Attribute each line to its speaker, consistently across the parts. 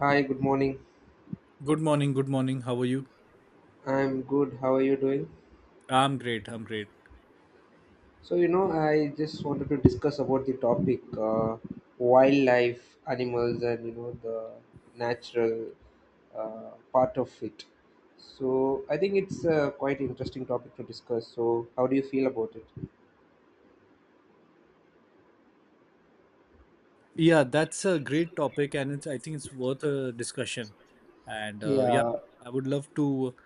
Speaker 1: Hi, good morning.
Speaker 2: Good morning, good morning. How are you?
Speaker 1: I'm good. How are you doing?
Speaker 2: I'm great.
Speaker 1: So, you know, I just wanted to discuss about the topic wildlife, animals, and you know, the natural part of it. So, I think it's quite interesting topic to discuss. So, how do you feel about it?
Speaker 2: Yeah, that's a great topic and it's I think it's worth a discussion. And yeah,
Speaker 1: Yeah.
Speaker 2: I would love to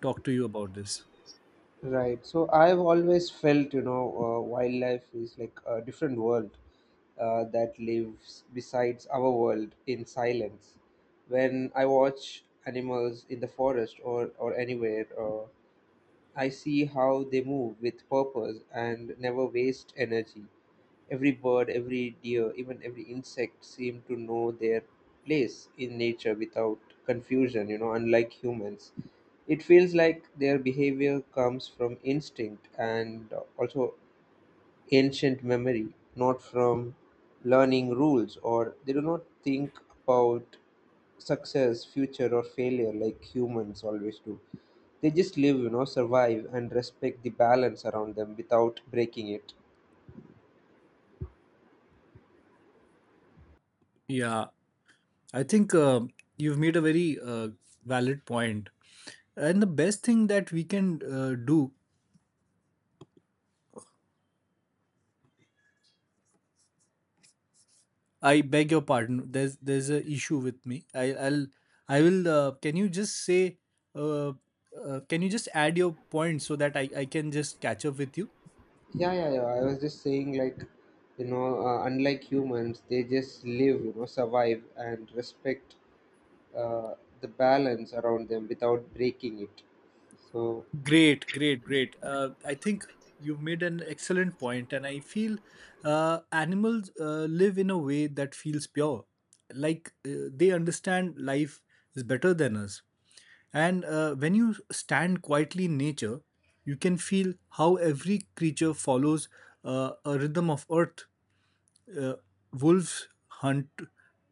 Speaker 2: talk to you about this.
Speaker 1: Right. So I've always felt, you know, wildlife is like a different world that lives besides our world in silence. When I watch animals in the forest or anywhere, I see how they move with purpose and never waste energy. Every bird, every deer, even every insect seem to know their place in nature without confusion, you know, unlike humans. It feels like their behavior comes from instinct and also ancient memory, not from learning rules, or they do not think about success, future, or failure like humans always do. They just live, you know, survive and respect the balance around them without breaking it.
Speaker 2: Yeah, I think you've made a very valid point. And the best thing that we can do, I beg your pardon. There's a issue with me. I will. Can you just say? Uh, can you just add your point so that I can just catch up with you?
Speaker 1: Yeah, yeah, yeah. I was just saying, like, you know, unlike humans, they just live, you know, survive and respect uh, the balance around them without breaking it. So,
Speaker 2: Great, great, great. I think you've made an excellent point, and I feel animals live in a way that feels pure. They understand life is better than us. And when you stand quietly in nature, you can feel how every creature follows a rhythm of earth. uh, Wolves hunt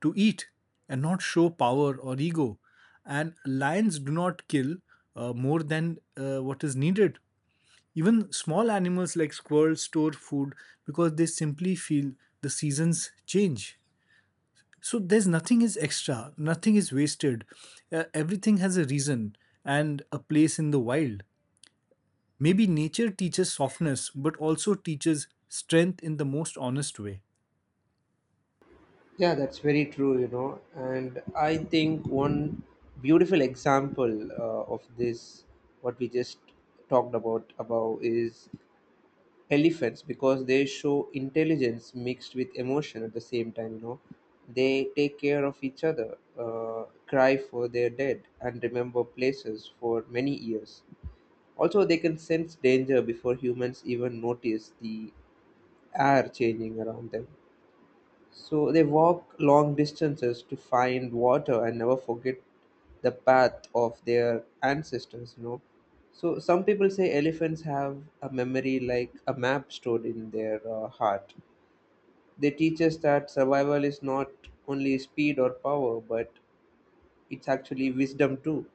Speaker 2: to eat and not show power or ego. And lions do not kill more than what is needed. Even small animals like squirrels store food because they simply feel the seasons change. So there's nothing is extra, nothing is wasted. Everything has a reason and a place in the wild. Maybe nature teaches softness, but also teaches strength in the most honest way.
Speaker 1: yeah, that's very true, you know. And I think one beautiful example of this, what we just talked about is elephants because they show intelligence mixed with emotion at the same time, you know. They take care of each other, cry for their dead, and remember places for many years. Also, they can sense danger before humans even notice the air changing around them. So they walk long distances to find water and never forget the path of their ancestors, you know. So some people say elephants have a memory like a map stored in their heart. They teach us that survival is not only speed or power, but it's actually wisdom too.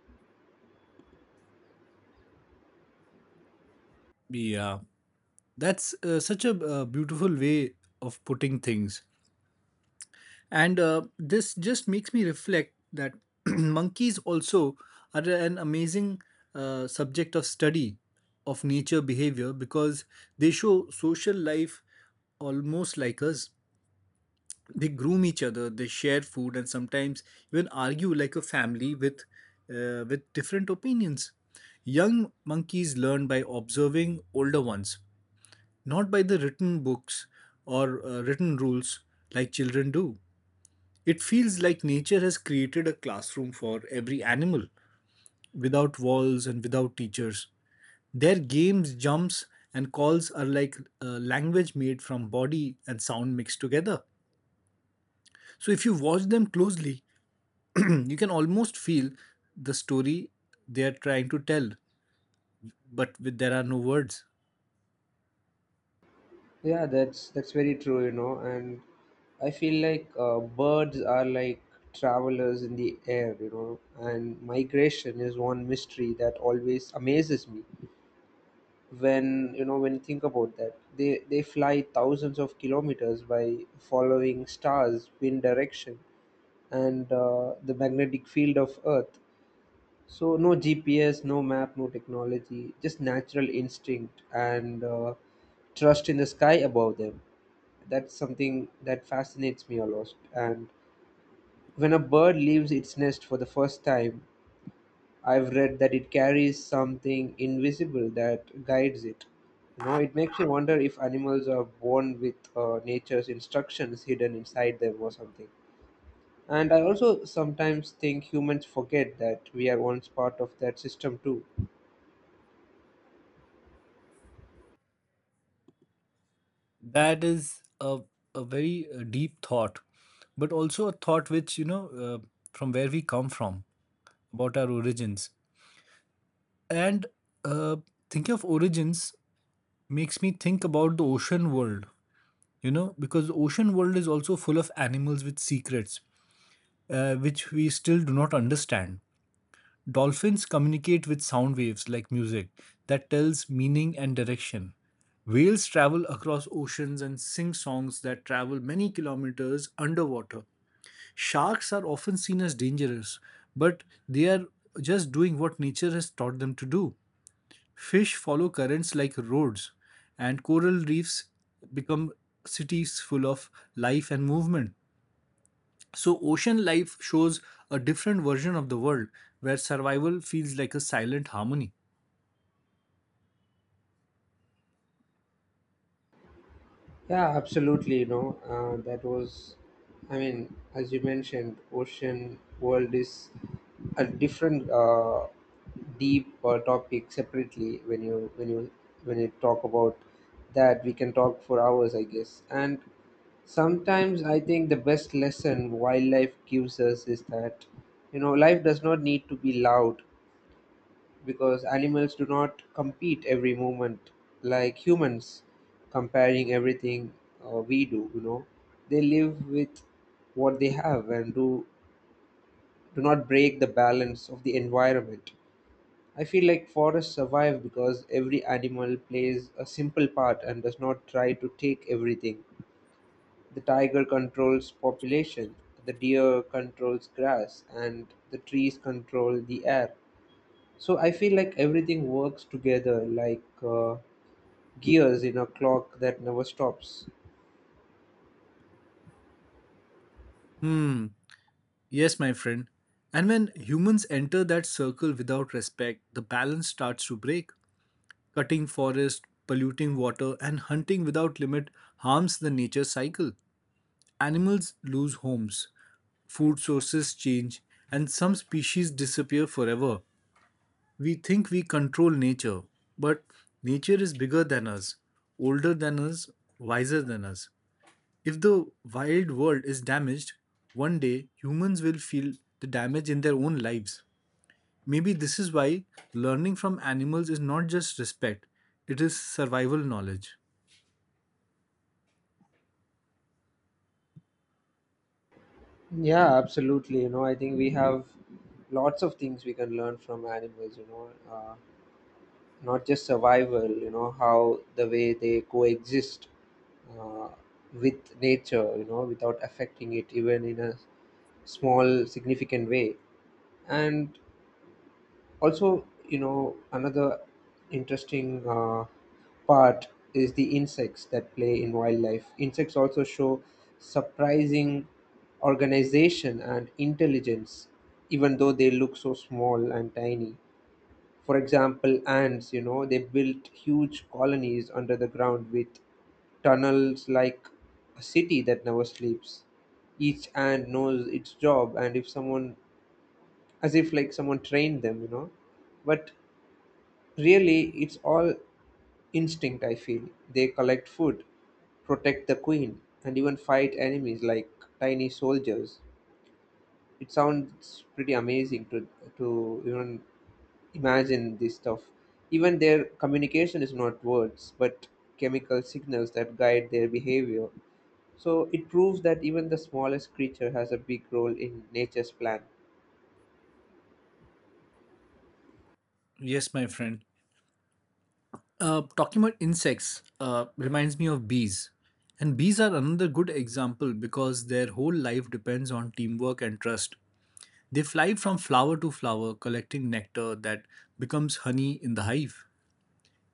Speaker 2: Yeah. That's such a beautiful way of putting things. And this just makes me reflect that monkeys also are an amazing subject of study of nature behavior because they show social life almost like us. They groom each other, they share food, and sometimes even argue like a family with different opinions. Young monkeys learn by observing older ones, not by the written books or written rules like children do. It feels like nature has created a classroom for every animal without walls and without teachers. Their games, jumps, and calls are like language made from body and sound mixed together. So if you watch them closely, you can almost feel the story they are trying to tell, but there are no words.
Speaker 1: Yeah, that's very true, you know, and I feel like birds are like travelers in the air, you know, and migration is one mystery that always amazes me. When you know when you think about that, they fly thousands of kilometers by following stars, wind direction, and the magnetic field of Earth. So no GPS, no map, no technology, just natural instinct and trust in the sky above them. That's something that fascinates me a lot. And when a bird leaves its nest for the first time, I've read that it carries something invisible that guides it. You know, it makes me wonder if animals are born with nature's instructions hidden inside them or something. And I also sometimes think humans forget that we are once part of that system too.
Speaker 2: That is a very deep thought, but also a thought which, you know, from where we come from, about our origins. And uh, thinking of origins makes me think about the ocean world, you know, because the ocean world is also full of animals with secrets, which we still do not understand. Dolphins communicate with sound waves like music that tells meaning and direction. Whales travel across oceans and sing songs that travel many kilometers underwater. Sharks are often seen as dangerous, but they are just doing what nature has taught them to do. Fish follow currents like roads, and coral reefs become cities full of life and movement. So, ocean life shows a different version of the world where survival feels like a silent harmony.
Speaker 1: Yeah, absolutely. You know, that was, I mean, as you mentioned, ocean world is a different deep topic separately. When you talk about that, we can talk for hours, I guess. And sometimes I think the best lesson wildlife gives us is that you know life does not need to be loud because animals do not compete every moment like humans comparing everything we do, you know, they live with what they have and do not break the balance of the environment. I feel like forests survive because every animal plays a simple part and does not try to take everything. The tiger controls population, the deer controls grass, and the trees control the air. So I feel like everything works together like gears in a clock that never stops.
Speaker 2: Hmm, yes, my friend. And when humans enter that circle without respect, the balance starts to break. Cutting forest, polluting water, and hunting without limit harms the nature cycle. Animals lose homes, food sources change, and some species disappear forever. We think we control nature, but nature is bigger than us, older than us, wiser than us. If the wild world is damaged, one day humans will feel the damage in their own lives. Maybe this is why learning from animals is not just respect, it is survival knowledge.
Speaker 1: Yeah, absolutely. You know, I think we have lots of things we can learn from animals, you know, not just survival, you know, how the way they coexist uh, with nature, you know, without affecting it even in a small, significant way. And also you know another interesting part is the insects that play in wildlife. Insects also show surprising organization and intelligence even though they look so small and tiny. For example, ants, you know, they built huge colonies under the ground with tunnels like a city that never sleeps. Each ant knows its job and if someone, as if like someone trained them, you know, but really, it's all instinct, I feel. They collect food, protect the queen, and even fight enemies like tiny soldiers. It sounds pretty amazing to even imagine this stuff. Even their communication is not words, but chemical signals that guide their behavior. So it proves that even the smallest creature has a big role in nature's plan.
Speaker 2: Yes, my friend. Talking about insects reminds me of bees. And bees are another good example because their whole life depends on teamwork and trust. They fly from flower to flower, collecting nectar that becomes honey in the hive.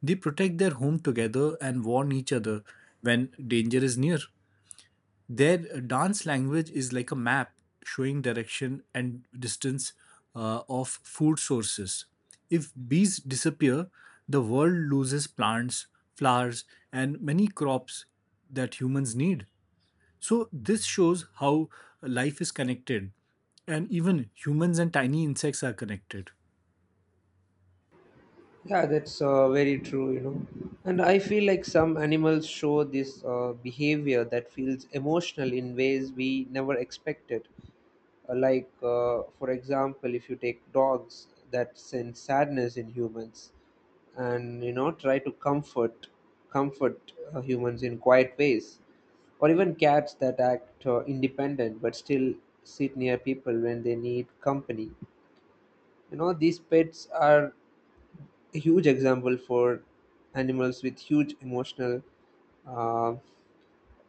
Speaker 2: They protect their home together and warn each other when danger is near. Their dance language is like a map showing direction and distance of food sources. If bees disappear, the world loses plants, flowers, and many crops that humans need. So, this shows how life is connected, and even humans and tiny insects are connected.
Speaker 1: Yeah, that's very true, you know. And I feel like some animals show this behavior that feels emotional in ways we never expected. Like, for example, if you take dogs that sense sadness in humans and, you know, try to comfort humans in quiet ways, or even cats that act independent but still sit near people when they need company. You know, these pets are a huge example for animals with huge emotional uh,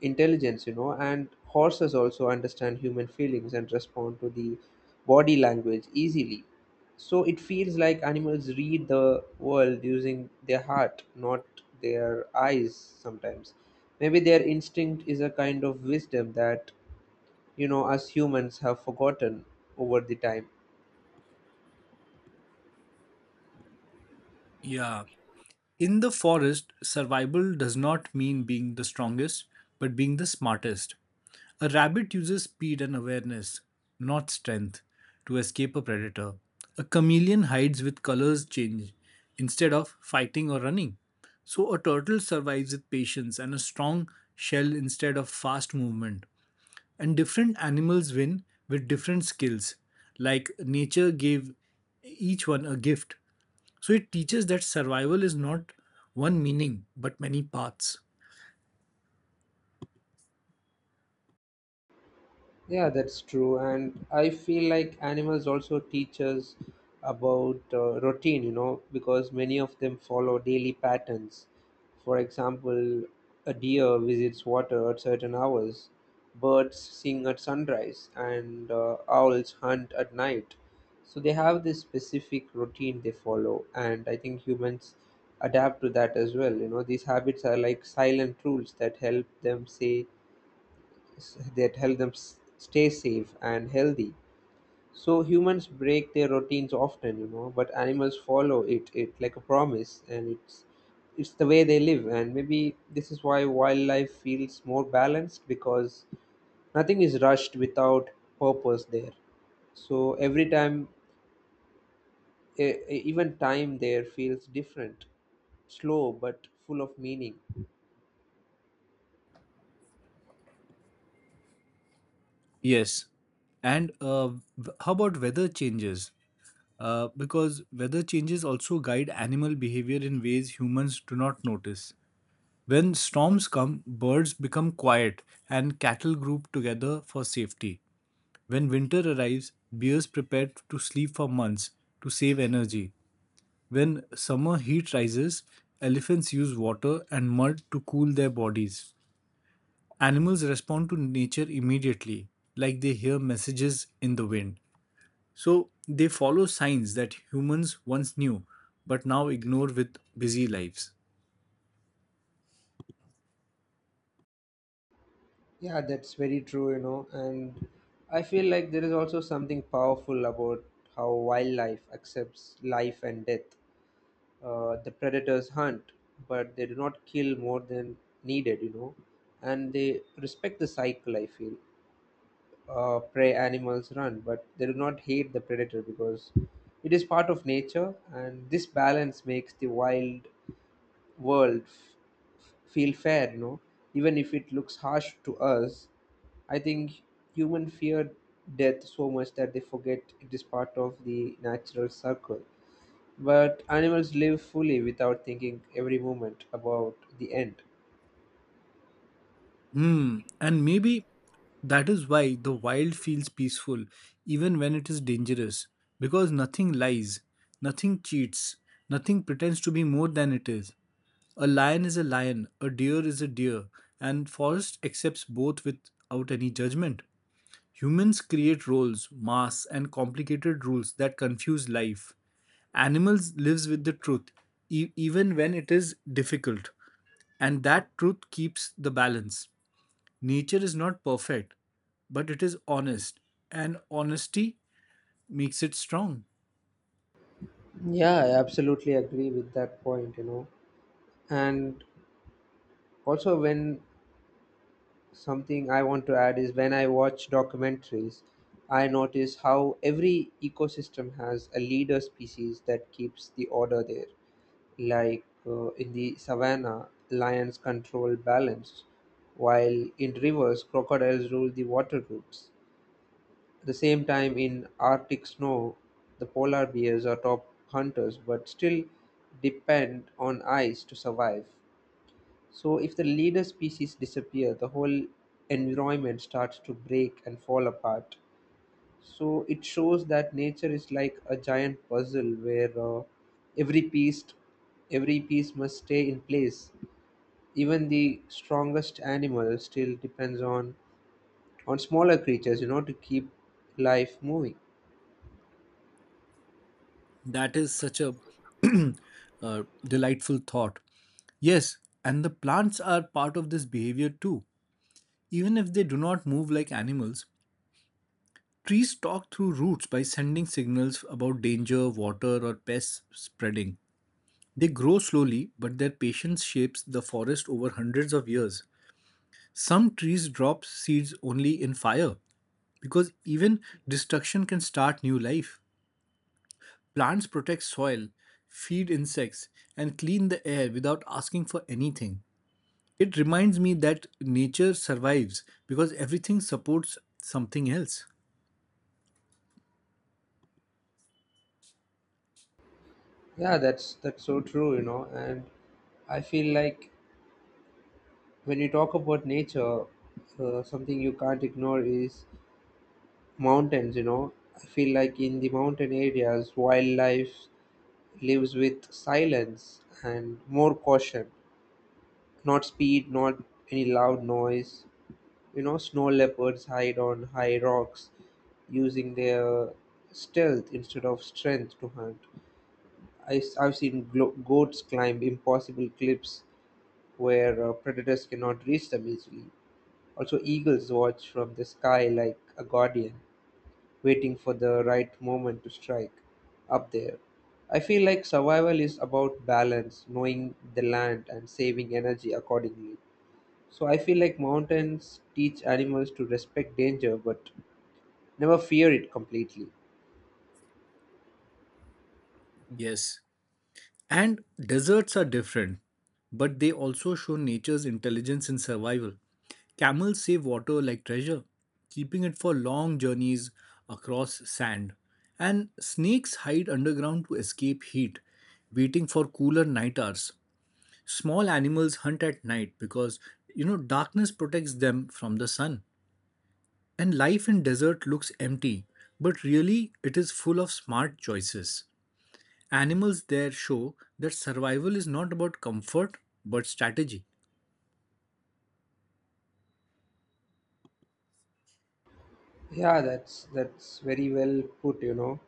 Speaker 1: intelligence, you know, and horses also understand human feelings and respond to the body language easily. So it feels like animals read the world using their heart, not their eyes sometimes. Maybe their instinct is a kind of wisdom that, you know, us humans have forgotten over the time.
Speaker 2: Yeah. In the forest, survival does not mean being the strongest, but being the smartest. A rabbit uses speed and awareness, not strength, to escape a predator. A chameleon hides with colors change instead of fighting or running. So, a turtle survives with patience and a strong shell instead of fast movement. And different animals win with different skills, like nature gave each one a gift. So it teaches that survival is not one meaning but many paths.
Speaker 1: Yeah, that's true. And I feel like animals also teach us about routine, you know, because many of them follow daily patterns. For example, a deer visits water at certain hours, birds sing at sunrise, and owls hunt at night. So they have this specific routine they follow, and I think humans adapt to that as well. You know, these habits are like silent rules that help them say s- that help them s- stay safe and healthy. So humans break their routines often, you know, but animals follow it like a promise, and it's the way they live. And maybe this is why wildlife feels more balanced because nothing is rushed without purpose there. So every time, even time there feels different, slow but full of meaning.
Speaker 2: Yes. And how about weather changes? Because weather changes also guide animal behavior in ways humans do not notice. When storms come, birds become quiet and cattle group together for safety. When winter arrives, bears prepare to sleep for months to save energy. When summer heat rises, elephants use water and mud to cool their bodies. Animals respond to nature immediately, like they hear messages in the wind. So they follow signs that humans once knew but now ignore with busy lives.
Speaker 1: Yeah, that's very true, you know, and I feel like there is also something powerful about how wildlife accepts life and death. The predators hunt, but they do not kill more than needed, you know, and they respect the cycle, I feel. Prey animals run, but they do not hate the predator because it is part of nature, and this balance makes the wild world feel fair, no? Even if it looks harsh to us. I think human fear death so much that they forget it is part of the natural circle. But animals live fully without thinking every moment about the end.
Speaker 2: Hmm, and maybe that is why the wild feels peaceful even when it is dangerous, because nothing lies, nothing cheats, nothing pretends to be more than it is. A lion is a lion, a deer is a deer, and forest accepts both without any judgment. Humans create roles, masks, and complicated rules that confuse life. Animals lives with the truth, even when it is difficult, and that truth keeps the balance. Nature is not perfect, but it is honest, and honesty makes it strong.
Speaker 1: Yeah, I absolutely agree with that point, you know. And also, when something I want to add is when I watch documentaries, I notice how every ecosystem has a leader species that keeps the order there. Like in the savannah, lions control balance, while in rivers, crocodiles rule the water groups. At the same time, in Arctic snow, the polar bears are top hunters but still depend on ice to survive. So, if the leader species disappear, the whole environment starts to break and fall apart. So it shows that nature is like a giant puzzle where every piece every piece must stay in place. Even the strongest animal still depends on smaller creatures, you know, to keep life moving.
Speaker 2: That is such a delightful thought. Yes, and the plants are part of this behavior too. Even if they do not move like animals, trees talk through roots by sending signals about danger, water, or pests spreading. They grow slowly, but their patience shapes the forest over hundreds of years. Some trees drop seeds only in fire because even destruction can start new life. Plants protect soil, feed insects, and clean the air without asking for anything. It reminds me that nature survives because everything supports something else.
Speaker 1: Yeah, that's so true, you know, and I feel like when you talk about nature, something you can't ignore is mountains. You know, I feel like in the mountain areas, wildlife lives with silence and more caution. Not speed, not any loud noise. You know, snow leopards hide on high rocks using their stealth instead of strength to hunt. I have seen goats climb impossible cliffs where predators cannot reach them easily. Also, eagles watch from the sky like a guardian waiting for the right moment to strike up there. I feel like survival is about balance, knowing the land and saving energy accordingly. So I feel like mountains teach animals to respect danger but never fear it completely.
Speaker 2: Yes. And deserts are different, but they also show nature's intelligence in survival. Camels save water like treasure, keeping it for long journeys across sand. And snakes hide underground to escape heat, waiting for cooler night hours. Small animals hunt at night because you know darkness protects them from the sun. And life in desert looks empty, but really it is full of smart choices. Animals there show that survival is not about comfort but strategy.
Speaker 1: Yeah, that's very well put, you know.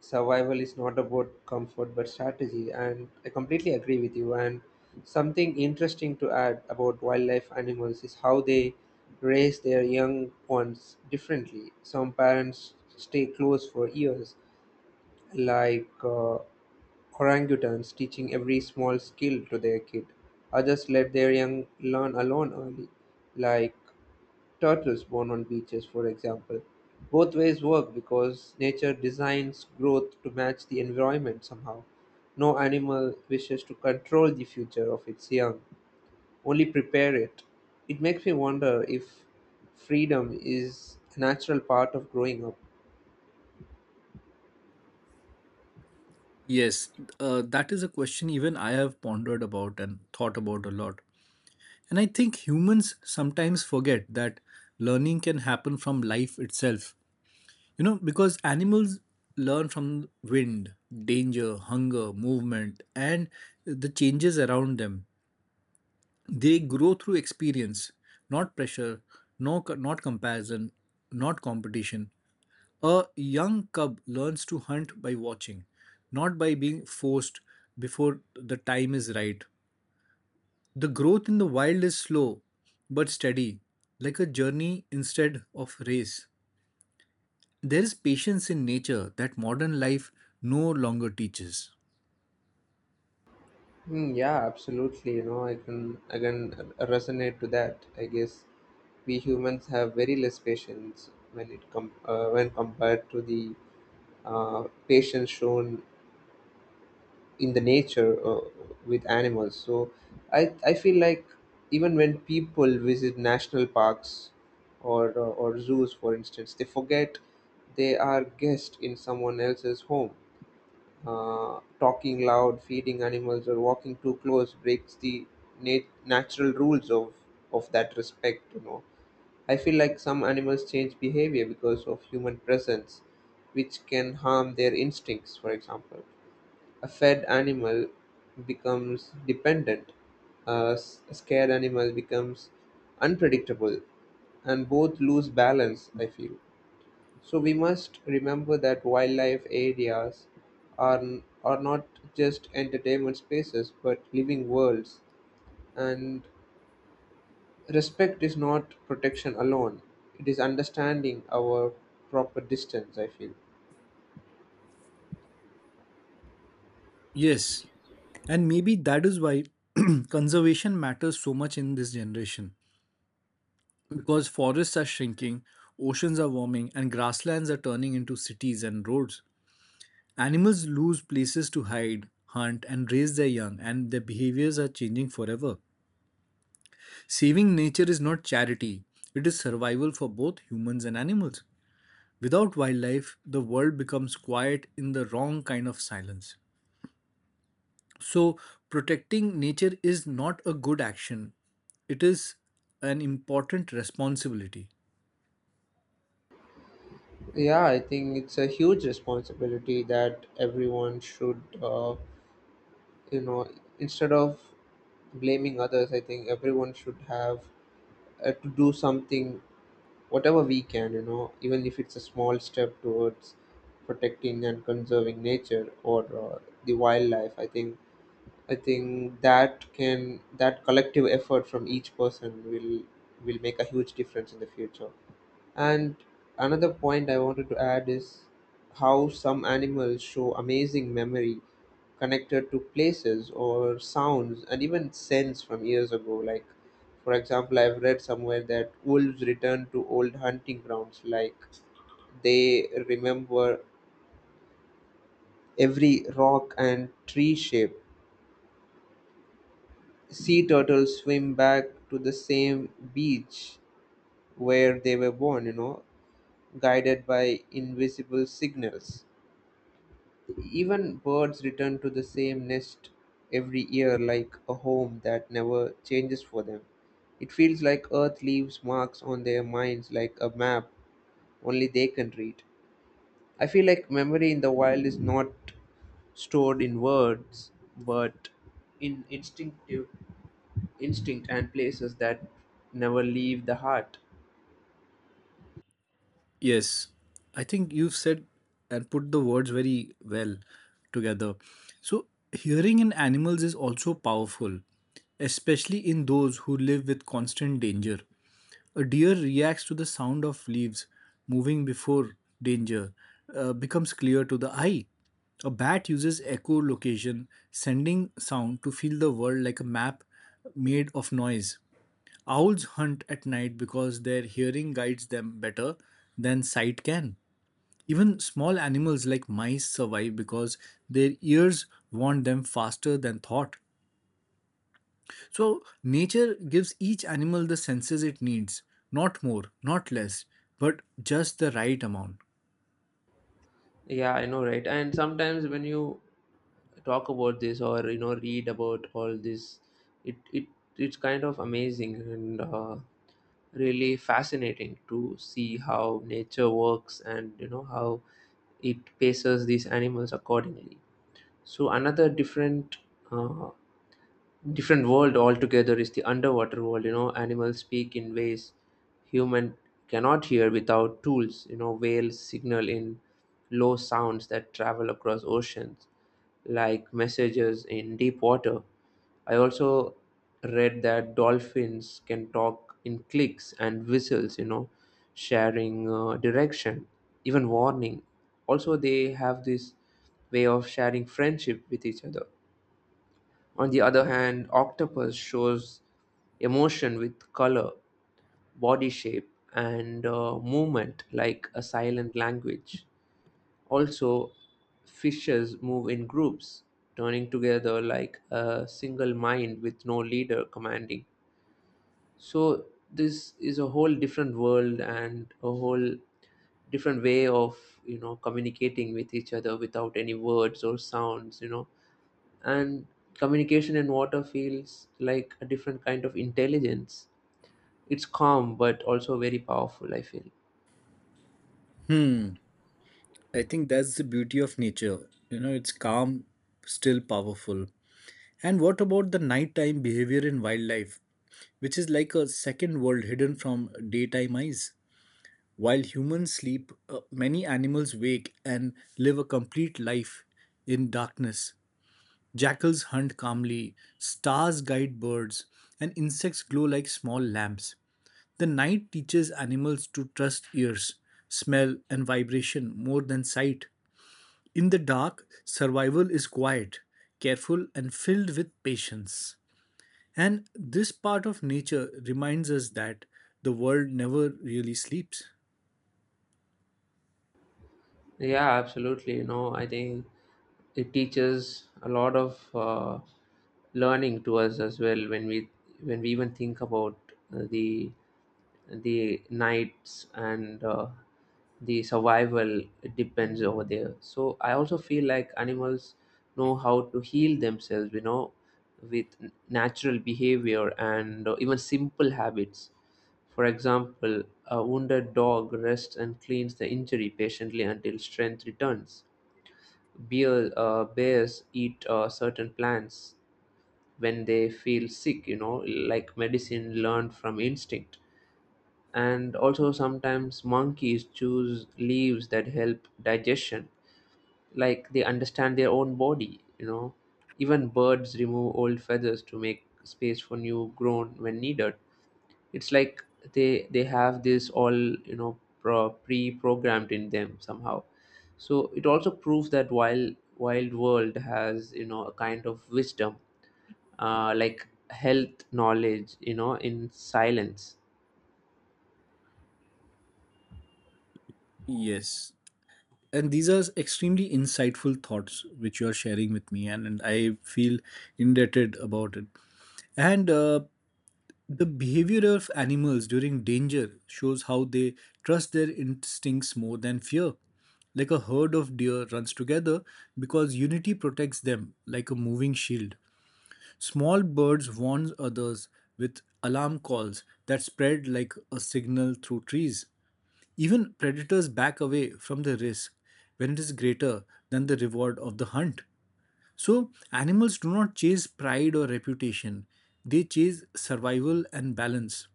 Speaker 1: Survival is not about comfort but strategy, and I completely agree with you. And something interesting to add about wildlife animals is how they raise their young ones differently. Some parents stay close for years, like orangutans teaching every small skill to their kid. Others let their young learn alone early, like turtles born on beaches, for example. Both ways work because nature designs growth to match the environment somehow. No animal wishes to control the future of its young, only prepare it. It makes me wonder if freedom is a natural part of growing up.
Speaker 2: Yes, that is a question even I have pondered about and thought about a lot. And I think humans sometimes forget that learning can happen from life itself. You know, because animals learn from wind, danger, hunger, movement, and the changes around them. They grow through experience, not pressure, no, not comparison, not competition. A young cub learns to hunt by watching, not by being forced before the time is right. The growth in the wild is slow but steady, like a journey instead of race. There is patience in nature that modern life no longer teaches.
Speaker 1: Hmm, yeah, absolutely. You know, I can resonate to that. I guess we humans have very less patience when compared to the patience shown in the nature with animals. So I feel like even when people visit national parks or zoos, for instance, they forget they are guests in someone else's home. Talking loud, feeding animals, or walking too close breaks the natural rules of that respect, you know. I feel like some animals change behavior because of human presence, which can harm their instincts. For example, a fed animal becomes dependent, a scared animal becomes unpredictable, and both lose balance, I feel. So we must remember that wildlife areas are are not just entertainment spaces but living worlds, and respect is not protection alone, it is understanding our proper distance, I feel.
Speaker 2: Yes, and maybe that is why conservation matters so much in this generation because forests are shrinking, oceans are warming, and grasslands are turning into cities and roads. Animals lose places to hide, hunt, and raise their young, and their behaviors are changing forever. Saving nature is not charity, it is survival for both humans and animals. Without wildlife, the world becomes quiet in the wrong kind of silence. So, protecting nature is not a good action, it is an important responsibility.
Speaker 1: Yeah, I think it's a huge responsibility that everyone should, you know, instead of blaming others, I think everyone should have to do something, whatever we can, you know, even if it's a small step towards protecting and conserving nature or the wildlife. I think that can that collective effort from each person will make a huge difference in the future. And another point I wanted to add is how some animals show amazing memory connected to places or sounds and even scents from years ago. Like, for example, I've read somewhere that wolves return to old hunting grounds, like they remember every rock and tree shape. Sea turtles swim back to the same beach where they were born, you know, guided by invisible signals. Even birds return to the same nest every year, like a home that never changes for them. It feels like Earth leaves marks on their minds like a map only they can read. I feel like memory in the wild is not stored in words but in instinct and places that never leave the heart.
Speaker 2: Yes, I think you've said and put the words very well together. So, hearing in animals is also powerful, especially in those who live with constant danger. A deer reacts to the sound of leaves moving before danger becomes clear to the eye. A bat uses echolocation, sending sound to feel the world like a map made of noise. Owls hunt at night because their hearing guides them better than sight can. Even small animals like mice survive because their ears warn them faster than thought. So, nature gives each animal the senses it needs, not more, not less, but just the right amount.
Speaker 1: Yeah, I know, right? And sometimes when you talk about this, or you know, read about all this, it, it's kind of amazing and really fascinating to see how nature works, and you know, how it paces these animals accordingly. So another uh, different world altogether is the underwater world. You know, animals speak in ways human cannot hear without tools. You know, whales signal in low sounds that travel across oceans, like messages in deep water. I also read that dolphins can talk in clicks and whistles, you know, sharing direction, even warning. Also, they have this way of sharing friendship with each other. On the other hand, octopus shows emotion with color, body shape, and movement, like a silent language. Also, fishes move in groups, turning together like a single mind with no leader commanding. So this is a whole different world and a whole different way of, you know, communicating with each other without any words or sounds, you know. And communication in water feels like a different kind of intelligence. It's calm but also very powerful, I feel.
Speaker 2: Hmm, I think that's the beauty of nature. You know, it's calm, still powerful. And what about the nighttime behavior in wildlife, which is like a second world hidden from daytime eyes? While humans sleep, many animals wake and live a complete life in darkness. Jackals hunt calmly, stars guide birds, and insects glow like small lamps. The night teaches animals to trust ears, smell, and vibration more than sight. In the dark, survival is quiet, careful, and filled with patience. And this part of nature reminds us that the world never really sleeps.
Speaker 1: Yeah, absolutely. You know, I think it teaches a lot of learning to us as well, when we even think about the nights and the survival it depends over there. So I also feel like animals know how to heal themselves. You know, with natural behavior and even simple habits. For example, a wounded dog rests and cleans the injury patiently until strength returns. Bears eat certain plants when they feel sick, you know, like medicine learned from instinct. And also, sometimes monkeys choose leaves that help digestion, like they understand their own body, you know. Even birds remove old feathers to make space for new grown when needed. It's like they have this all, you know, pre-programmed in them somehow. So it also proves that while wild world has, you know, a kind of wisdom, like health knowledge, you know, in silence.
Speaker 2: Yes. And these are extremely insightful thoughts which you are sharing with me, and I feel indebted about it. And the behavior of animals during danger shows how they trust their instincts more than fear. Like a herd of deer runs together because unity protects them like a moving shield. Small birds warn others with alarm calls that spread like a signal through trees. Even predators back away from the risk when it is greater than the reward of the hunt. So, animals do not chase pride or reputation, they chase survival and balance.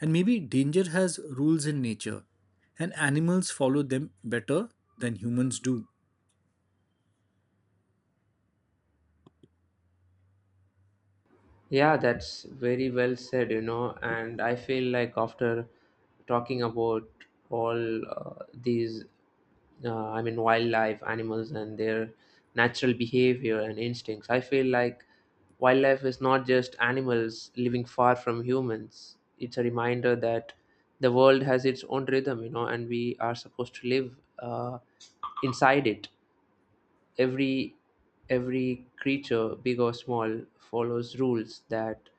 Speaker 2: And maybe danger has rules in nature, and animals follow them better than humans do.
Speaker 1: Yeah, that's very well said, you know. And I feel like after talking about all these, I mean, wildlife, animals, and their natural behavior and instincts, I feel like wildlife is not just animals living far from humans. It's a reminder that the world has its own rhythm, you know, and we are supposed to live inside it. Every every creature, big or small, follows rules that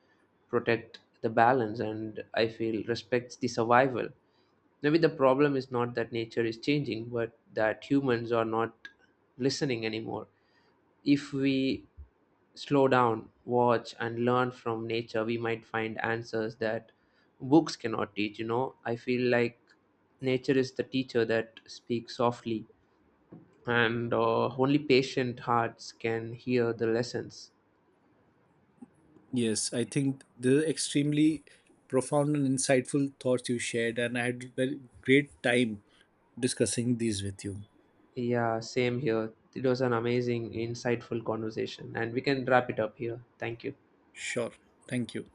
Speaker 1: protect the balance, and I feel, respects the survival. Maybe the problem is not that nature is changing, but that humans are not listening anymore. If we slow down, watch, and learn from nature, we might find answers that books cannot teach. You know, I feel like nature is the teacher that speaks softly, and only patient hearts can hear the lessons.
Speaker 2: Yes, I think the extremely profound and insightful thoughts you shared, and I had very great time discussing these with you.
Speaker 1: Yeah, same here. It was an amazing, insightful conversation, and we can wrap it up here. Thank you.
Speaker 2: Sure. Thank you.